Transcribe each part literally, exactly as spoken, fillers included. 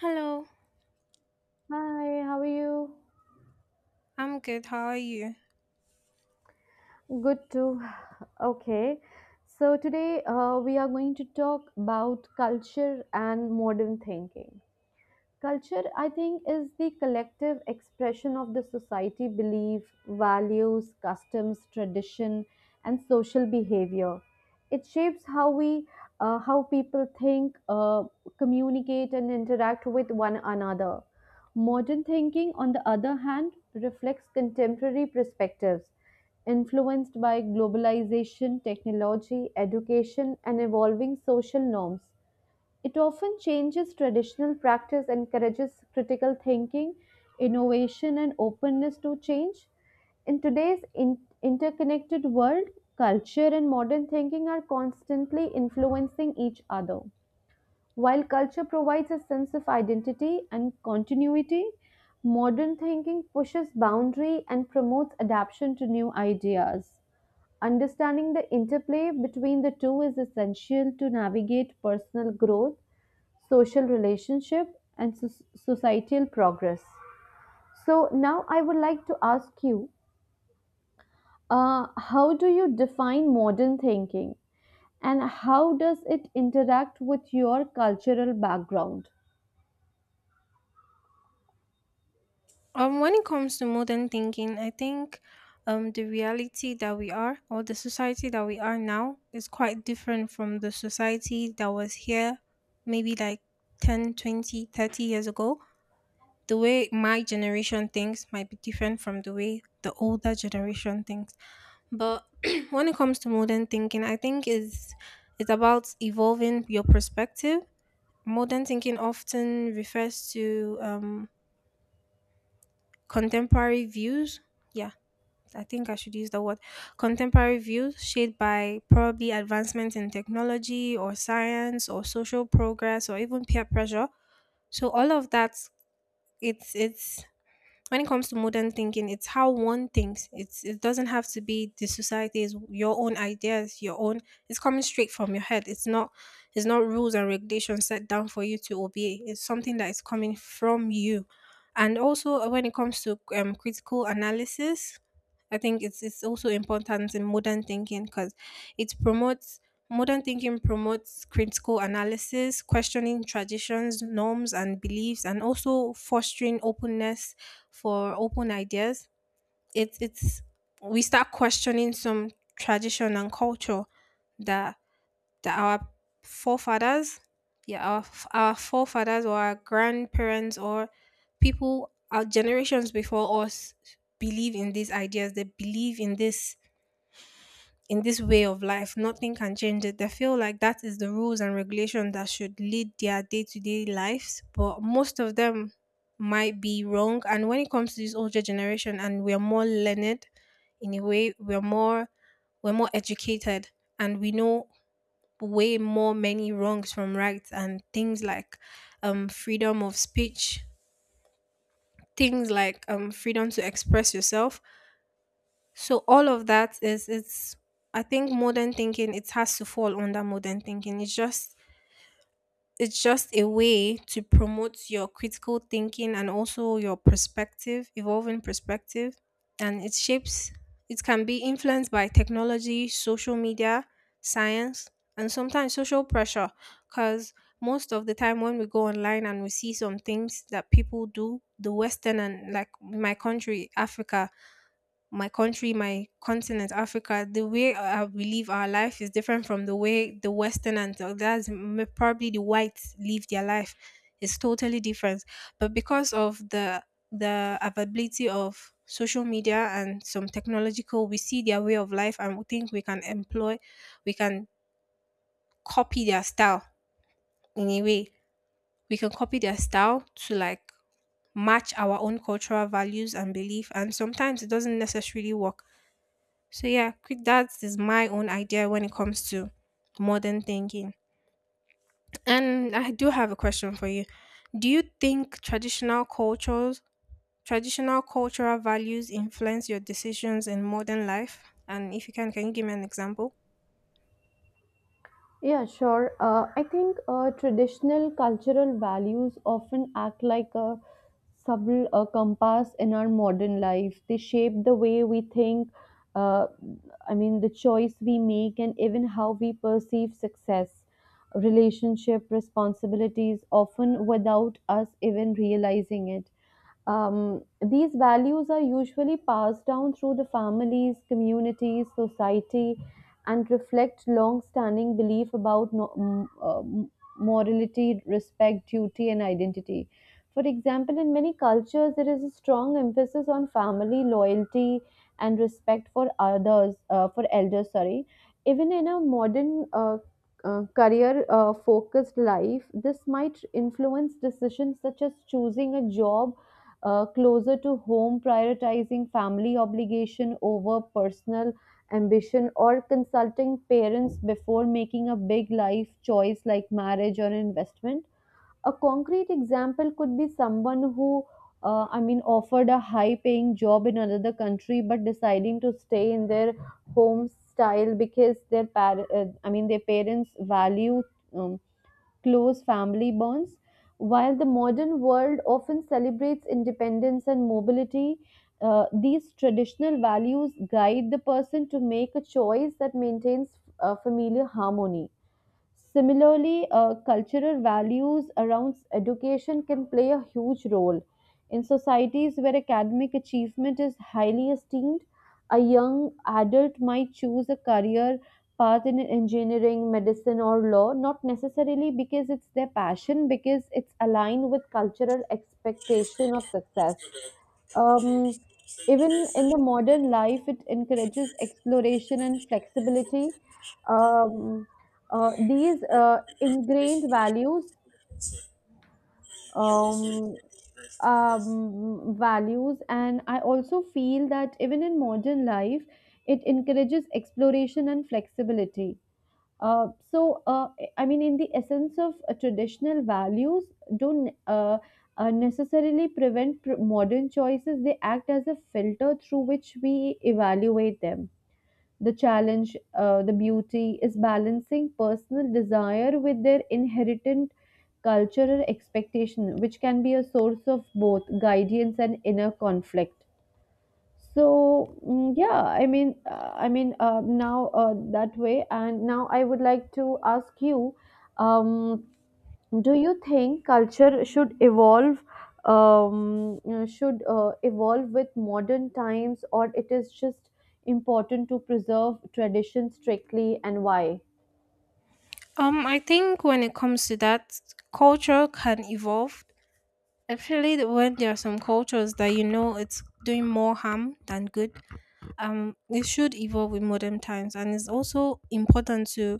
Hello, Hi, how are you? I'm good. How are you? Good too. Okay. So today uh, we are going to talk about culture and modern thinking. Culture, I think, is the collective expression of the society belief, values, customs, tradition, and social behavior. It shapes how we, uh, how people think, uh, communicate, and interact with one another. Modern thinking, on the other hand, reflects contemporary perspectives influenced by globalization, technology, education, and evolving social norms. It often changes traditional practice, encourages critical thinking, innovation, and openness to change. In today's in- interconnected world, culture and modern thinking are constantly influencing each other. While culture provides a sense of identity and continuity, modern thinking pushes boundary and promotes adaptation to new ideas. Understanding the interplay between the two is essential to navigate personal growth, social relationship, and so- societal progress. So now I would like to ask you, uh, how do you define modern thinking, and how does it interact with your cultural background? Um, when it comes to modern thinking, I think um the reality that we are, or the society that we are now, is quite different from the society that was here maybe like ten, twenty, thirty years ago. The way my generation thinks might be different from the way the older generation thinks. But when it comes to modern thinking, I think is it's about evolving your perspective. Modern thinking often refers to um contemporary views. Yeah, I think I should use the word contemporary views, shaped by probably advancements in technology, or science, or social progress, or even peer pressure. So all of that, it's it's when it comes to modern thinking, it's how one thinks. It's it doesn't have to be the society's, your own ideas, your own it's coming straight from your head. It's not it's not rules and regulations set down for you to obey. It's something that is coming from you. And also uh, when it comes to um, critical analysis, I think it's it's also important in modern thinking, because it promotes modern thinking promotes critical analysis, questioning traditions, norms, and beliefs, and also fostering openness for open ideas. It's it's We start questioning some tradition and culture that that our forefathers, yeah, our f- our forefathers, or our grandparents, or people, our generations before us, believe in these ideas. They believe in this, in this way of life. Nothing can change it. They feel like that is the rules and regulations that should lead their day to day lives. But most of them might be wrong. And when it comes to this older generation, and we are more learned, in a way, we're more, we're more educated, and we know way more many wrongs from rights, and things like um, freedom of speech, things like um, freedom to express yourself. So all of that is, it's, I think modern thinking, it has to fall under modern thinking. It's just it's just a way to promote your critical thinking, and also your perspective, evolving perspective. And it shapes, it can be influenced by technology, social media, science, and sometimes social pressure. Because most of the time, when we go online and we see some things that people do, the Western, and like my country, Africa, my country, my continent, Africa, the way I we live our life is different from the way the Western, and the- that's m- probably, the whites live their life. It's totally different. But because of the the availability of social media and some technological, we see their way of life and we think we can employ, we can copy their style, in a way. We can copy their style to like match our own cultural values and belief. And sometimes it doesn't necessarily work. So yeah, quick, that is my own idea when it comes to modern thinking. And I do have a question for you. Do you think traditional cultures, traditional cultural values, influence your decisions in modern life? And if you can, can you give me an example? Yeah, sure. Uh, I think uh, traditional cultural values often act like a subtle uh, compass in our modern life. They shape the way we think, uh, I mean, the choice we make, and even how we perceive success, relationship, responsibilities, often without us even realizing it. Um, these values are usually passed down through the families, communities, society, and reflect long standing belief about no, mm, uh, morality, respect, duty, and identity. For example, in many cultures, there is a strong emphasis on family loyalty and respect for others, uh, for elders, sorry. Even in a modern uh, uh, career uh, focused life, this might influence decisions such as choosing a job uh, closer to home, prioritizing family obligation over personal ambition, or consulting parents before making a big life choice like marriage or investment. A concrete example could be someone who, uh, I mean, offered a high paying job in another country but deciding to stay in their home style because their par- uh, I mean, their parents value. Um, Close family bonds. While the modern world often celebrates independence and mobility, uh, these traditional values guide the person to make a choice that maintains uh, familiar harmony. Similarly, uh, cultural values around education can play a huge role. In societies where academic achievement is highly esteemed, a young adult might choose a career path in engineering, medicine, or law, not necessarily because it's their passion, because it's aligned with cultural expectation of success. um, Even in the modern life, it encourages exploration and flexibility. Um, uh, these uh, ingrained values, um, um, values, and I also feel that even in modern life, it encourages exploration and flexibility. Uh, so, uh, I mean, in the essence of uh, traditional values, don't uh, uh, necessarily prevent pr- modern choices. They act as a filter through which we evaluate them. The challenge, uh, the beauty, is balancing personal desire with their inherent cultural expectation, which can be a source of both guidance and inner conflict. So mm, yeah I mean uh, I mean uh, now uh, that way and now I would like to ask you, um, do you think culture should evolve, um, you know, should uh, evolve with modern times, or it is just important to preserve tradition strictly, and why? Um, I think when it comes to that, culture can evolve. Especially the- when there are some cultures that, you know, it's doing more harm than good. Um, it should evolve with modern times, and it's also important to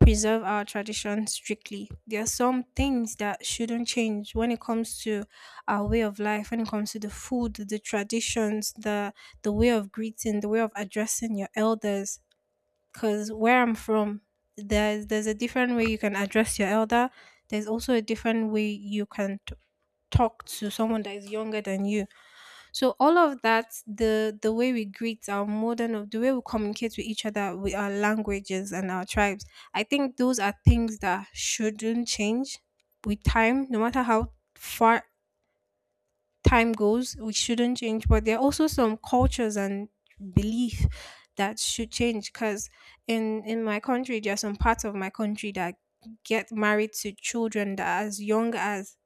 preserve our tradition strictly. There are some things that shouldn't change when it comes to our way of life, when it comes to the food, the traditions, the the way of greeting, the way of addressing your elders, because where I'm from, there's there's a different way you can address your elder. There's also a different way you can t- talk to someone that is younger than you. So all of that, the the way we greet, our modern of the way we communicate with each other, with our languages and our tribes, I think those are things that shouldn't change with time. No matter how far time goes, we shouldn't change. But there are also some cultures and belief that should change, because in in my country, there are some parts of my country that get married to children that are as young as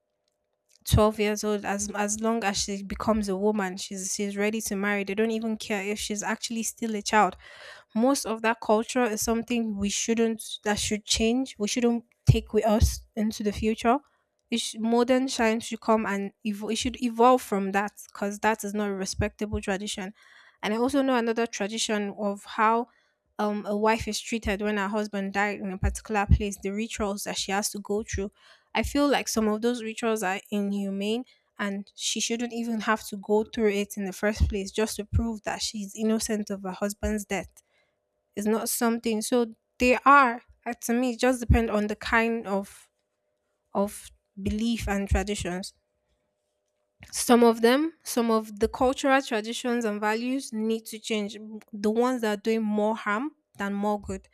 twelve years old. As as long as she becomes a woman, she's she's ready to marry. They don't even care if she's actually still a child. Most of that culture is something we shouldn't, that should change. We shouldn't take with us into the future. It sh- modern science should come, and evo- it should evolve from that, because that is not a respectable tradition. And I also know another tradition of how um, a wife is treated when her husband died. In a particular place, the rituals that she has to go through, I feel like some of those rituals are inhumane, and she shouldn't even have to go through it in the first place just to prove that she's innocent of her husband's death. It's not something. So they are, uh, to me, it just depend on the kind of of belief and traditions. Some of them, some of the cultural traditions and values need to change. The ones that are doing more harm than more good.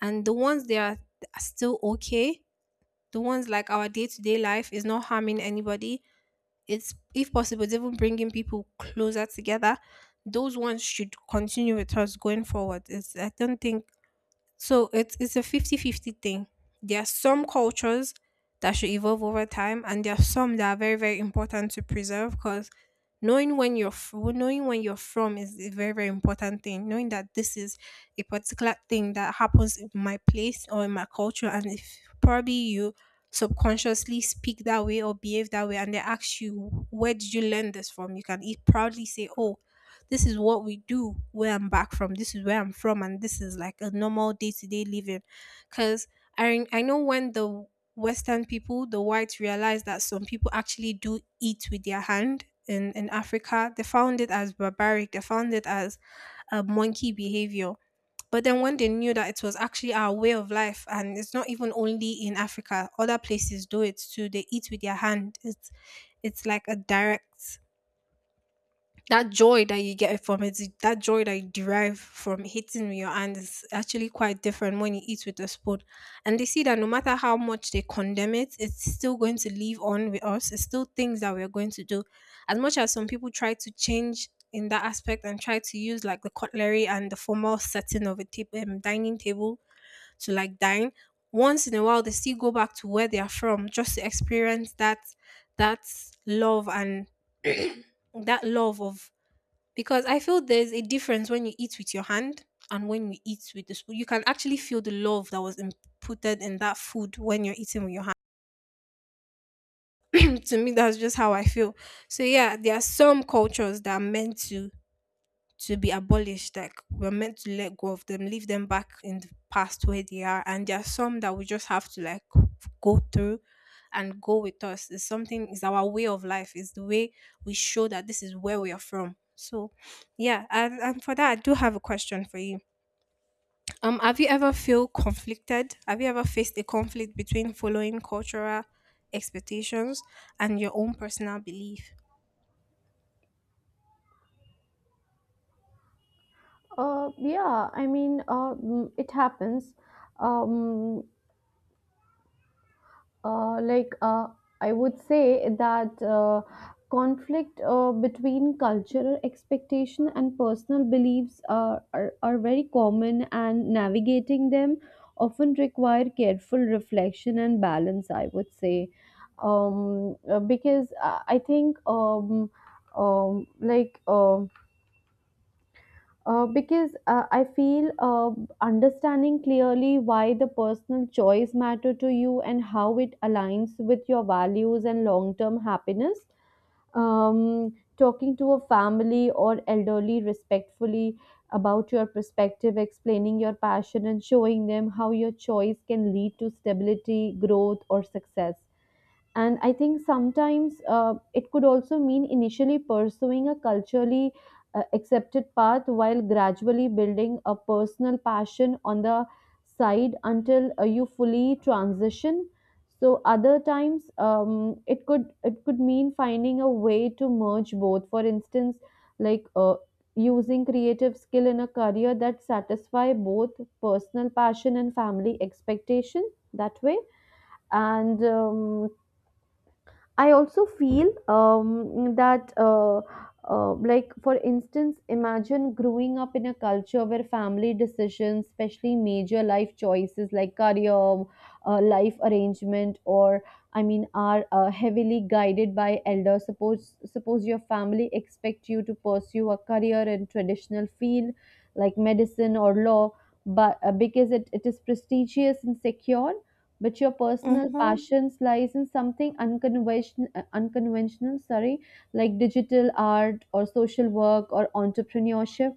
And the ones that are are still okay, the ones like our day to day life is not harming anybody. It's, if possible, it's even bringing people closer together. Those ones should continue with us going forward. It's I don't think so, it's it's a fifty-fifty thing. There are some cultures that should evolve over time, and there are some that are very, very important to preserve, because knowing when you're f- knowing when you're from is a very, very important thing. Knowing that this is a particular thing that happens in my place or in my culture, and if probably you subconsciously speak that way or behave that way and they ask you where did you learn this from, you can e- proudly say, oh, this is what we do where I'm back from. This is where I'm from, and this is like a normal day to day living. Because I, I know, when the Western people, the whites, realized that some people actually do eat with their hand in, in Africa, they found it as barbaric, they found it as a monkey behavior. But then when they knew that it was actually our way of life, and it's not even only in Africa, other places do it too. They eat with their hand. It's it's like a direct, that joy that you get from it, that joy that you derive from hitting with your hand, is actually quite different when you eat with a spoon. And they see that no matter how much they condemn it, it's still going to live on with us. It's still things that we're going to do. As much as some people try to change in that aspect and try to use like the cutlery and the formal setting of a ta- um, dining table to like dine, once in a while they still go back to where they are from just to experience that that love, and that love of because I feel there's a difference when you eat with your hand and when you eat with the spoon. You can actually feel the love that was inputted in that food when you're eating with your hand. To me, that's just how I feel. So yeah, there are some cultures that are meant to to be abolished. Like, we're meant to let go of them, leave them back in the past where they are. And there are some that we just have to like go through and go with us. It's something. It's our way of life. It's the way we show that this is where we are from. So yeah, and, and for that, I do have a question for you. Um have you ever feel conflicted? Have you ever faced a conflict between following cultural expectations and your own personal belief? Uh, yeah, i mean uh, mm, it happens. um, Uh, like uh, I would say that uh, conflict uh, between cultural expectation and personal beliefs are, are, are very common, and navigating them often require careful reflection and balance. I would say, um, uh, because I I think um, um, like. Um, uh, because uh, I feel uh, understanding clearly why the personal choice matter to you and how it aligns with your values and long-term happiness. Um, talking to a family or elderly respectfully about your perspective, explaining your passion and showing them how your choice can lead to stability, growth, or success. And I think sometimes, uh, it could also mean initially pursuing a culturally uh, accepted path while gradually building a personal passion on the side until uh, you fully transition. So other times, um, it could it could mean finding a way to merge both. For instance, like uh, using creative skill in a career that satisfy both personal passion and family expectation that way. And um, I also feel um, that, uh, uh, like, for instance, imagine growing up in a culture where family decisions, especially major life choices like career, uh, life arrangement, or I mean, are uh, heavily guided by elders. Suppose, suppose your family expect you to pursue a career in traditional field like medicine or law, but uh, because it, it is prestigious and secure, but your personal Mm-hmm. passions lies in something unconventional uh, unconventional, sorry, like digital art or social work or entrepreneurship.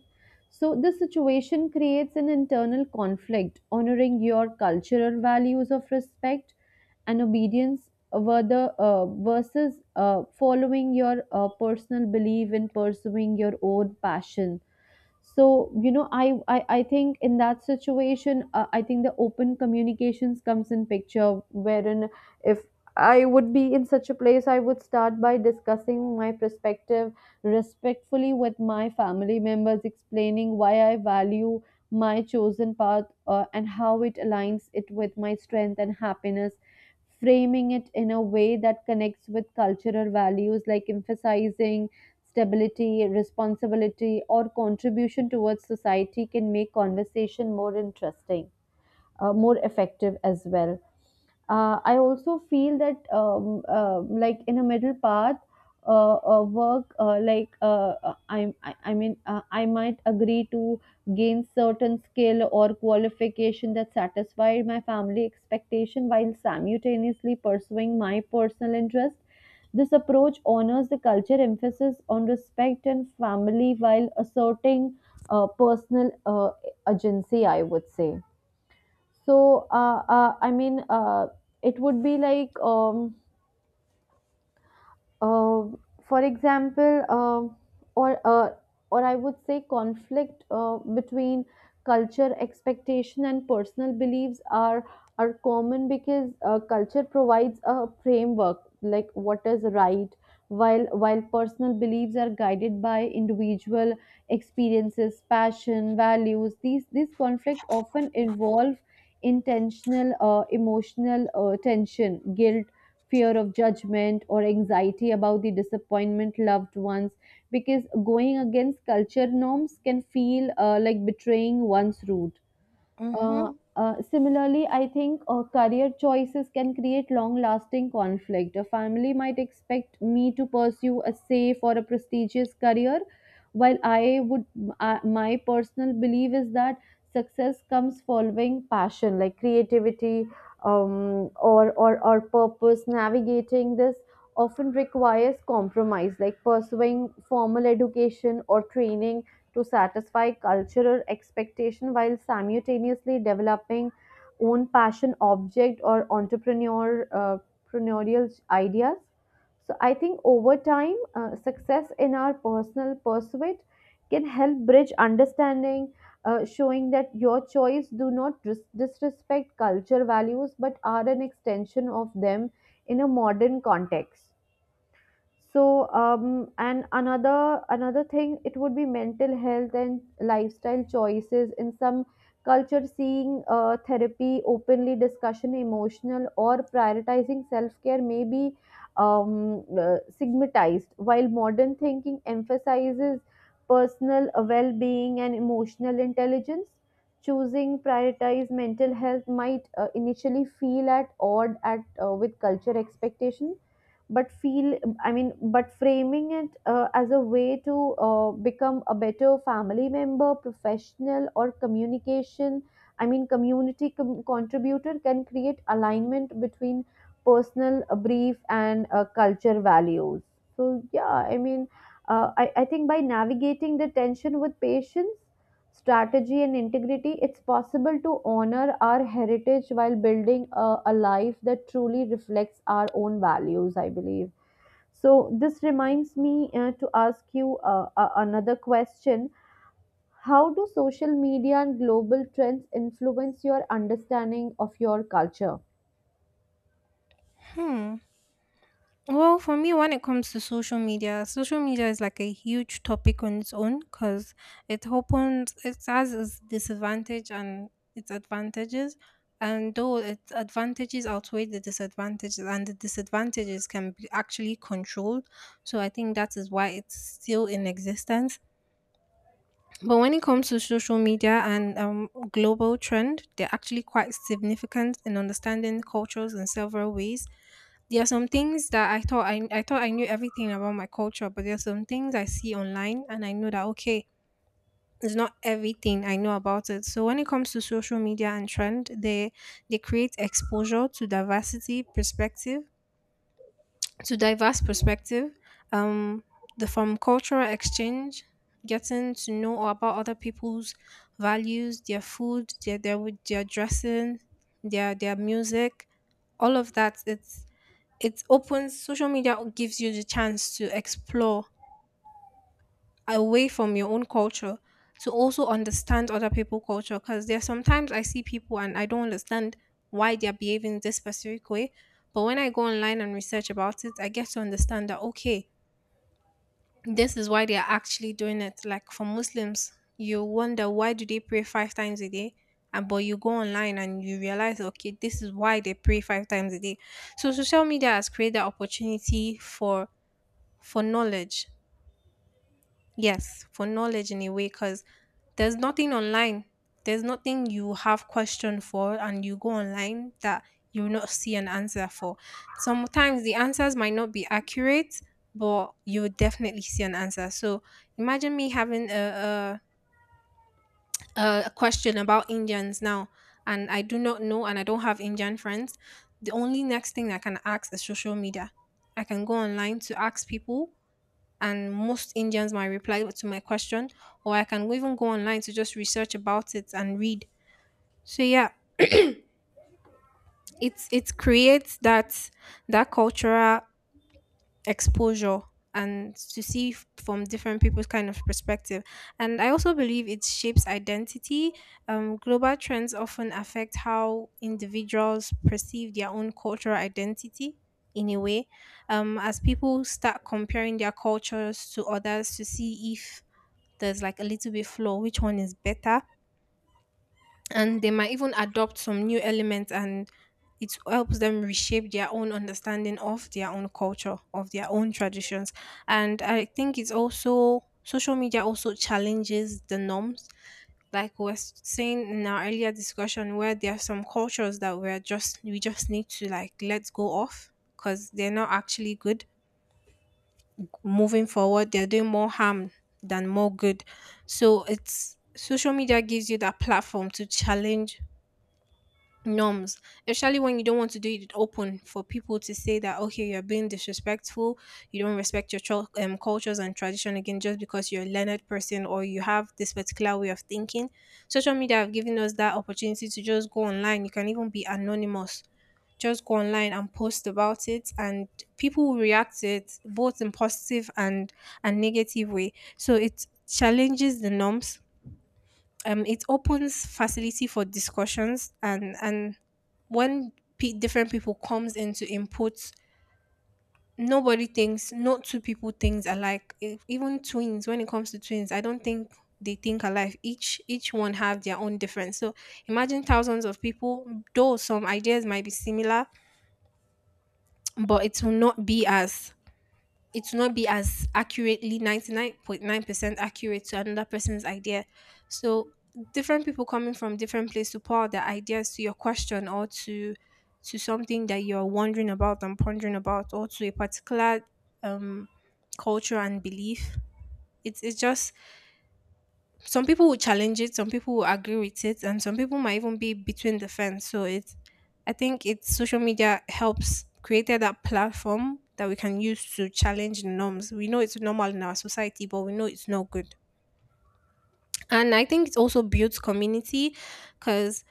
So this situation creates an internal conflict, honoring your cultural values of respect and obedience, whether, uh, versus uh, following your uh, personal belief in pursuing your own passion. So you know, i i, I think in that situation, uh, I think the open communications comes in picture, wherein if I would be in such a place I would start by discussing my perspective respectfully with my family members, explaining why I value my chosen path, uh, and how it aligns it with my strength and happiness, framing it in a way that connects with cultural values like emphasizing stability, responsibility, or contribution towards society can make conversation more interesting, uh, more effective as well. Uh, I also feel that um, uh, like in a middle path, uh, uh, work uh, like uh, uh, I, I I mean uh, I might agree to gain certain skill or qualification that satisfy my family expectation while simultaneously pursuing my personal interest. This approach honors the culture emphasis on respect and family while asserting uh, personal uh, agency, I would say. So, uh, uh, I mean, uh, it would be like um, uh, for example, uh, or uh, or I would say conflict uh, between culture expectation and personal beliefs are are common because uh, culture provides a framework like what is right, while while personal beliefs are guided by individual experiences, passion, values. These these conflict often involve intentional uh, emotional uh, tension, guilt, fear of judgment, or anxiety about the disappointment loved ones, because going against culture norms can feel uh, like betraying one's root. Mm-hmm. Uh, uh, similarly, I think uh, career choices can create long lasting conflict. A family might expect me to pursue a safe or a prestigious career, while I would, uh, my personal belief is that success comes following passion, like creativity, um, or, or, or purpose. Navigating this often requires compromise, like pursuing formal education or training to satisfy cultural expectation while simultaneously developing own passion object or entrepreneur uh, entrepreneurial ideas. So I think over time, uh, success in our personal pursuit can help bridge understanding, uh, showing that your choice do not dis- disrespect culture values but are an extension of them in a modern context. So um and Another another thing, it would be mental health and lifestyle choices. In some culture, seeing uh, therapy, openly discussion emotional or prioritizing self-care may be um, uh, stigmatized, while modern thinking emphasizes personal uh, well-being and emotional intelligence. Choosing prioritize mental health might uh, initially feel at odd at uh, with culture expectations, but feel I mean but framing it uh, as a way to uh, become a better family member, professional, or communication I mean community com- contributor can create alignment between personal uh, brief and uh, culture values. So yeah i mean uh, I, I think by navigating the tension with patience, strategy, and integrity, it's possible to honor our heritage while building a, a life that truly reflects our own values, I believe. So, this reminds me uh, to ask you uh, a- another question. How do social media and global trends influence your understanding of your culture? Hmm. Well, for me, when it comes to social media, social media is like a huge topic on its own because it opens, it has its disadvantage and its advantages. And though its advantages outweigh the disadvantages, and the disadvantages can be actually controlled. So I think that is why it's still in existence. But when it comes to social media and um, global trend, they're actually quite significant in understanding cultures in several ways. There are some things that I thought, I, I thought I knew everything about my culture, but there are some things I see online and I know that, okay, it's not everything I know about it. So when it comes to social media and trend, they they create exposure to diversity, perspective, to diverse perspective, um the from cultural exchange, getting to know about other people's values, their food, their their, w- their dressing, their their music, all of that. It's it opens. Social media gives you the chance to explore away from your own culture, to also understand other people' culture, because there sometimes I see people and I don't understand why they're behaving this specific way. But when I go online and research about it, I get to understand that okay, this is why they are actually doing it. Like for Muslims, you wonder why do they pray five times a day? And but you go online and you realize, okay, this is why they pray five times a day. So social media has created that opportunity for for knowledge. Yes, for knowledge in a way, because there's nothing online. There's nothing you have question for and you go online that you will not see an answer for. Sometimes the answers might not be accurate, but you will definitely see an answer. So imagine me having a, a, a question about Indians now, and I do not know and I don't have Indian friends. The only next thing I can ask is social media. I can go online to ask people, and most Indians might reply to my question, or I can even go online to just research about it and read. So yeah, it's it creates that that cultural exposure, and to see f- from different people's kind of perspective. And I also believe it shapes identity. Um, global trends often affect how individuals perceive their own cultural identity in a way, um, as people start comparing their cultures to others to see if there's like a little bit flaw, which one is better. And they might even adopt some new elements, and it helps them reshape their own understanding of their own culture, of their own traditions. And I think it's also social media also challenges the norms. Like we were saying in our earlier discussion, where there are some cultures that we're just we just need to like let go of, because they're not actually good. Moving forward, they're doing more harm than more good. So it's social media gives you that platform to challenge norms, especially when you don't want to do it open for people to say that okay, you're being disrespectful, you don't respect your chul- um, cultures and tradition again just because you're a learned person or you have this particular way of thinking. Social media have given us that opportunity to just go online. You can even be anonymous. Just go online and post about it, and people will react to it both in positive and and negative way. So it challenges the norms. Um, it opens facility for discussions and and when pe different people comes in to input, nobody thinks no two people thinks alike. E- even twins, when it comes to twins, I don't think they think alike. Each each one have their own difference. So imagine thousands of people, though some ideas might be similar, but it will not be as it will not be as accurately ninety-nine point nine percent accurate to another person's idea. So different people coming from different places to pour out their ideas to your question, or to to something that you're wondering about and pondering about, or to a particular um culture and belief, it's it's just some people will challenge it, some people will agree with it, and some people might even be between the fence. So it's I think it's social media helps created that platform that we can use to challenge norms. We know it's normal in our society, but we know it's not good. And I think it also builds community, because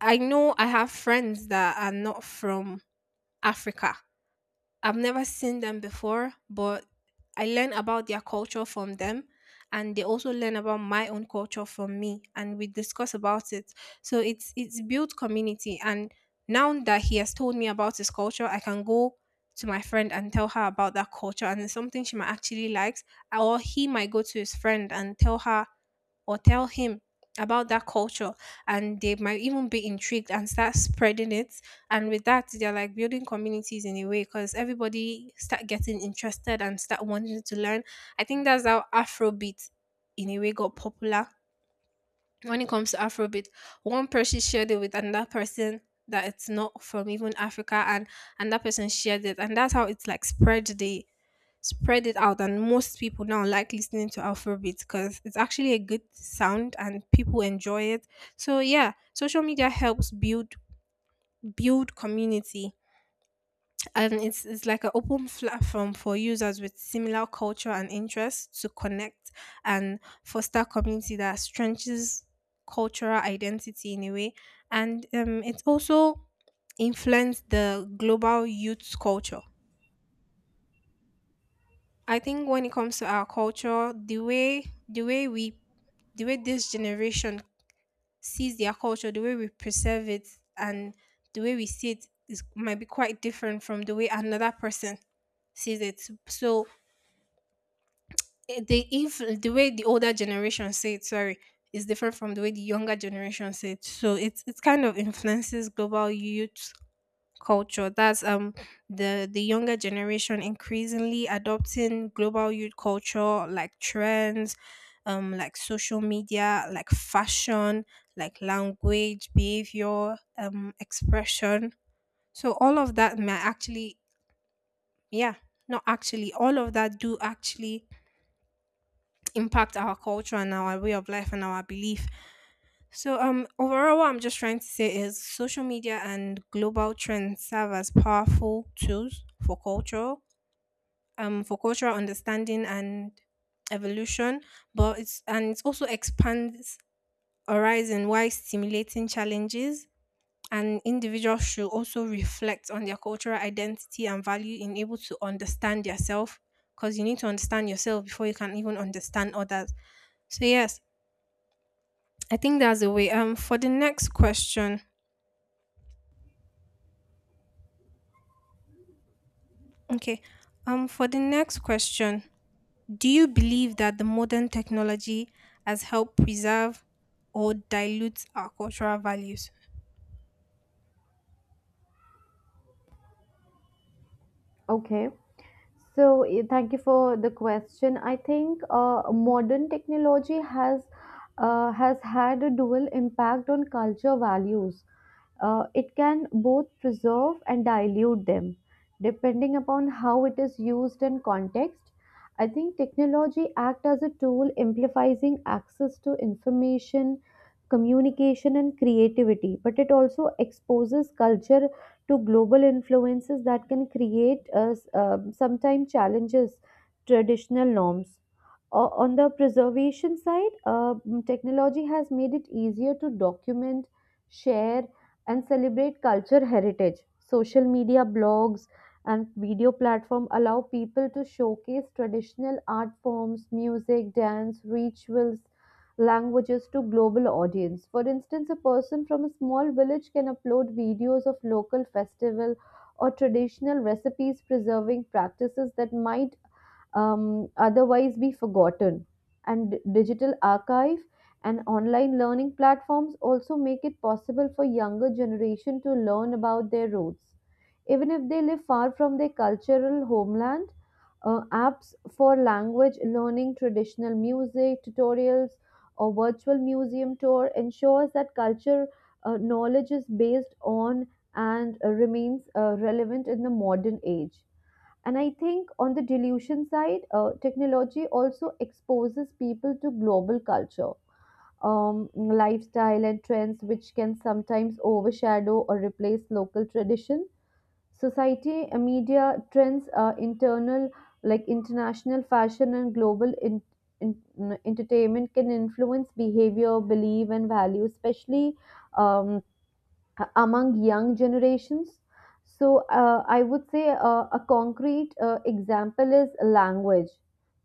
I know I have friends that are not from Africa. I've never seen them before, but I learn about their culture from them, and they also learn about my own culture from me, and we discuss about it. So it's it's built community. And now that he has told me about his culture, I can go to my friend and tell her about that culture, and it's something she might actually likes. Or he might go to his friend and tell her or tell him about that culture, and they might even be intrigued and start spreading it, and with that they're like building communities in a way, because everybody start getting interested and start wanting to learn. I think that's how afrobeat in a way got popular. When it comes to Afrobeat, one person shared it with another person, that it's not from even Africa, and and that person shared it, and that's how it's like spread the spread it out. And most people now like listening to Afrobeat, because it's actually a good sound and people enjoy it. So yeah, social media helps build build community. And it's it's like an open platform for users with similar culture and interests to connect and foster community that strengthens cultural identity in a way. And um, it also influenced the global youth culture. I think when it comes to our culture, the way the way we the way this generation sees their culture, the way we preserve it, and the way we see it is might be quite different from the way another person sees it. So eh, the if the way the older generation say it, sorry, is different from the way the younger generation say it. So it's it's kind of influences global youth culture. That's um the the younger generation increasingly adopting global youth culture, like trends, um like social media, like fashion, like language, behavior, um expression. So all of that may actually, yeah, not actually all of that do actually impact our culture and our way of life and our belief. So um overall, what I'm just trying to say is social media and global trends serve as powerful tools for culture, um for cultural understanding and evolution. But it's and it also expands horizon while stimulating challenges, and individuals should also reflect on their cultural identity and value in able to understand yourself, because you need to understand yourself before you can even understand others. So yes, I think that's the way. Um, for the next question, okay. Um, for the next question, do you believe that the modern technology has helped preserve or dilute our cultural values? Okay. So, eh, thank you for the question. I think uh, modern technology has uh, has had a dual impact on culture values. Uh, it can both preserve and dilute them, depending upon how it is used and context. I think technology act as a tool amplifying access to information, communication, and creativity, but it also exposes culture to global influences that can create us um, sometimes challenges traditional norms. O- on the preservation side, uh, technology has made it easier to document, share, and celebrate culture heritage. Social media, blogs, and video platform allow people to showcase traditional art forms, music, dance, rituals, languages to global audience. For instance, a person from a small village can upload videos of local festival or traditional recipes, preserving practices that might um, otherwise be forgotten. And digital archive and online learning platforms also make it possible for younger generation to learn about their roots even if they live far from their cultural homeland. Uh, apps for language learning, traditional music tutorials, or virtual museum tour ensures that culture uh, knowledge is based on and uh, remains uh, relevant in the modern age. And I think on the delusion side, uh, technology also exposes people to global culture, um, lifestyle, and trends, which can sometimes overshadow or replace local tradition. Society, uh, media, trends, uh, internal, like international fashion and global in, in, mm, entertainment can influence behavior, belief, and value, especially um, uh, among young generations. So uh, I would say uh, a concrete uh, example is language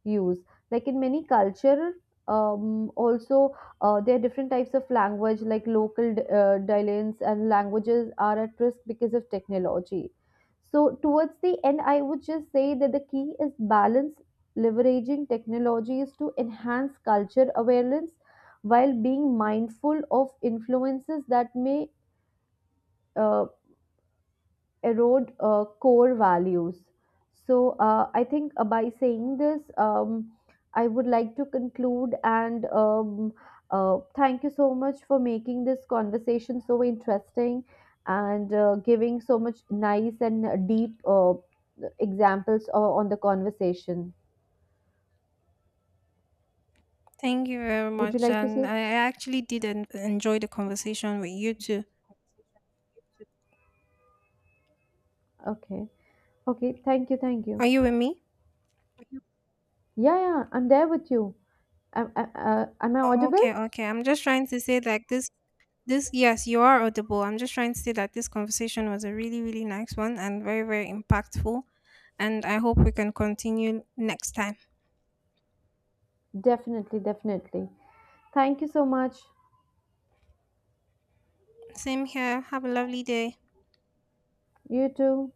use. Like in many culture, um, also uh, there are different types of language, like local d- uh, dialects and languages are at risk because of technology. So towards the end, I would just say that the key is balance, leveraging technologies to enhance culture awareness while being mindful of influences that may uh, erode uh, core values. So uh, I think uh, by saying this, um, I would like to conclude and um, uh, thank you so much for making this conversation so interesting and uh, giving so much nice and uh, deep uh, examples uh, on the conversation. Thank you very Would you much, like to and say? I I actually did en- enjoy the conversation with you too. Okay. Okay. Thank you. Thank you. Are you with me? Yeah. Yeah. I'm there with you. Am, uh, uh, am I O- audible? Okay, okay. I'm just trying to say like this. This, yes, you are audible. I'm just trying to say that this conversation was a really, really nice one and very, very impactful. And I hope we can continue next time. Definitely. Definitely. Thank you so much. Same here. Have a lovely day. You too.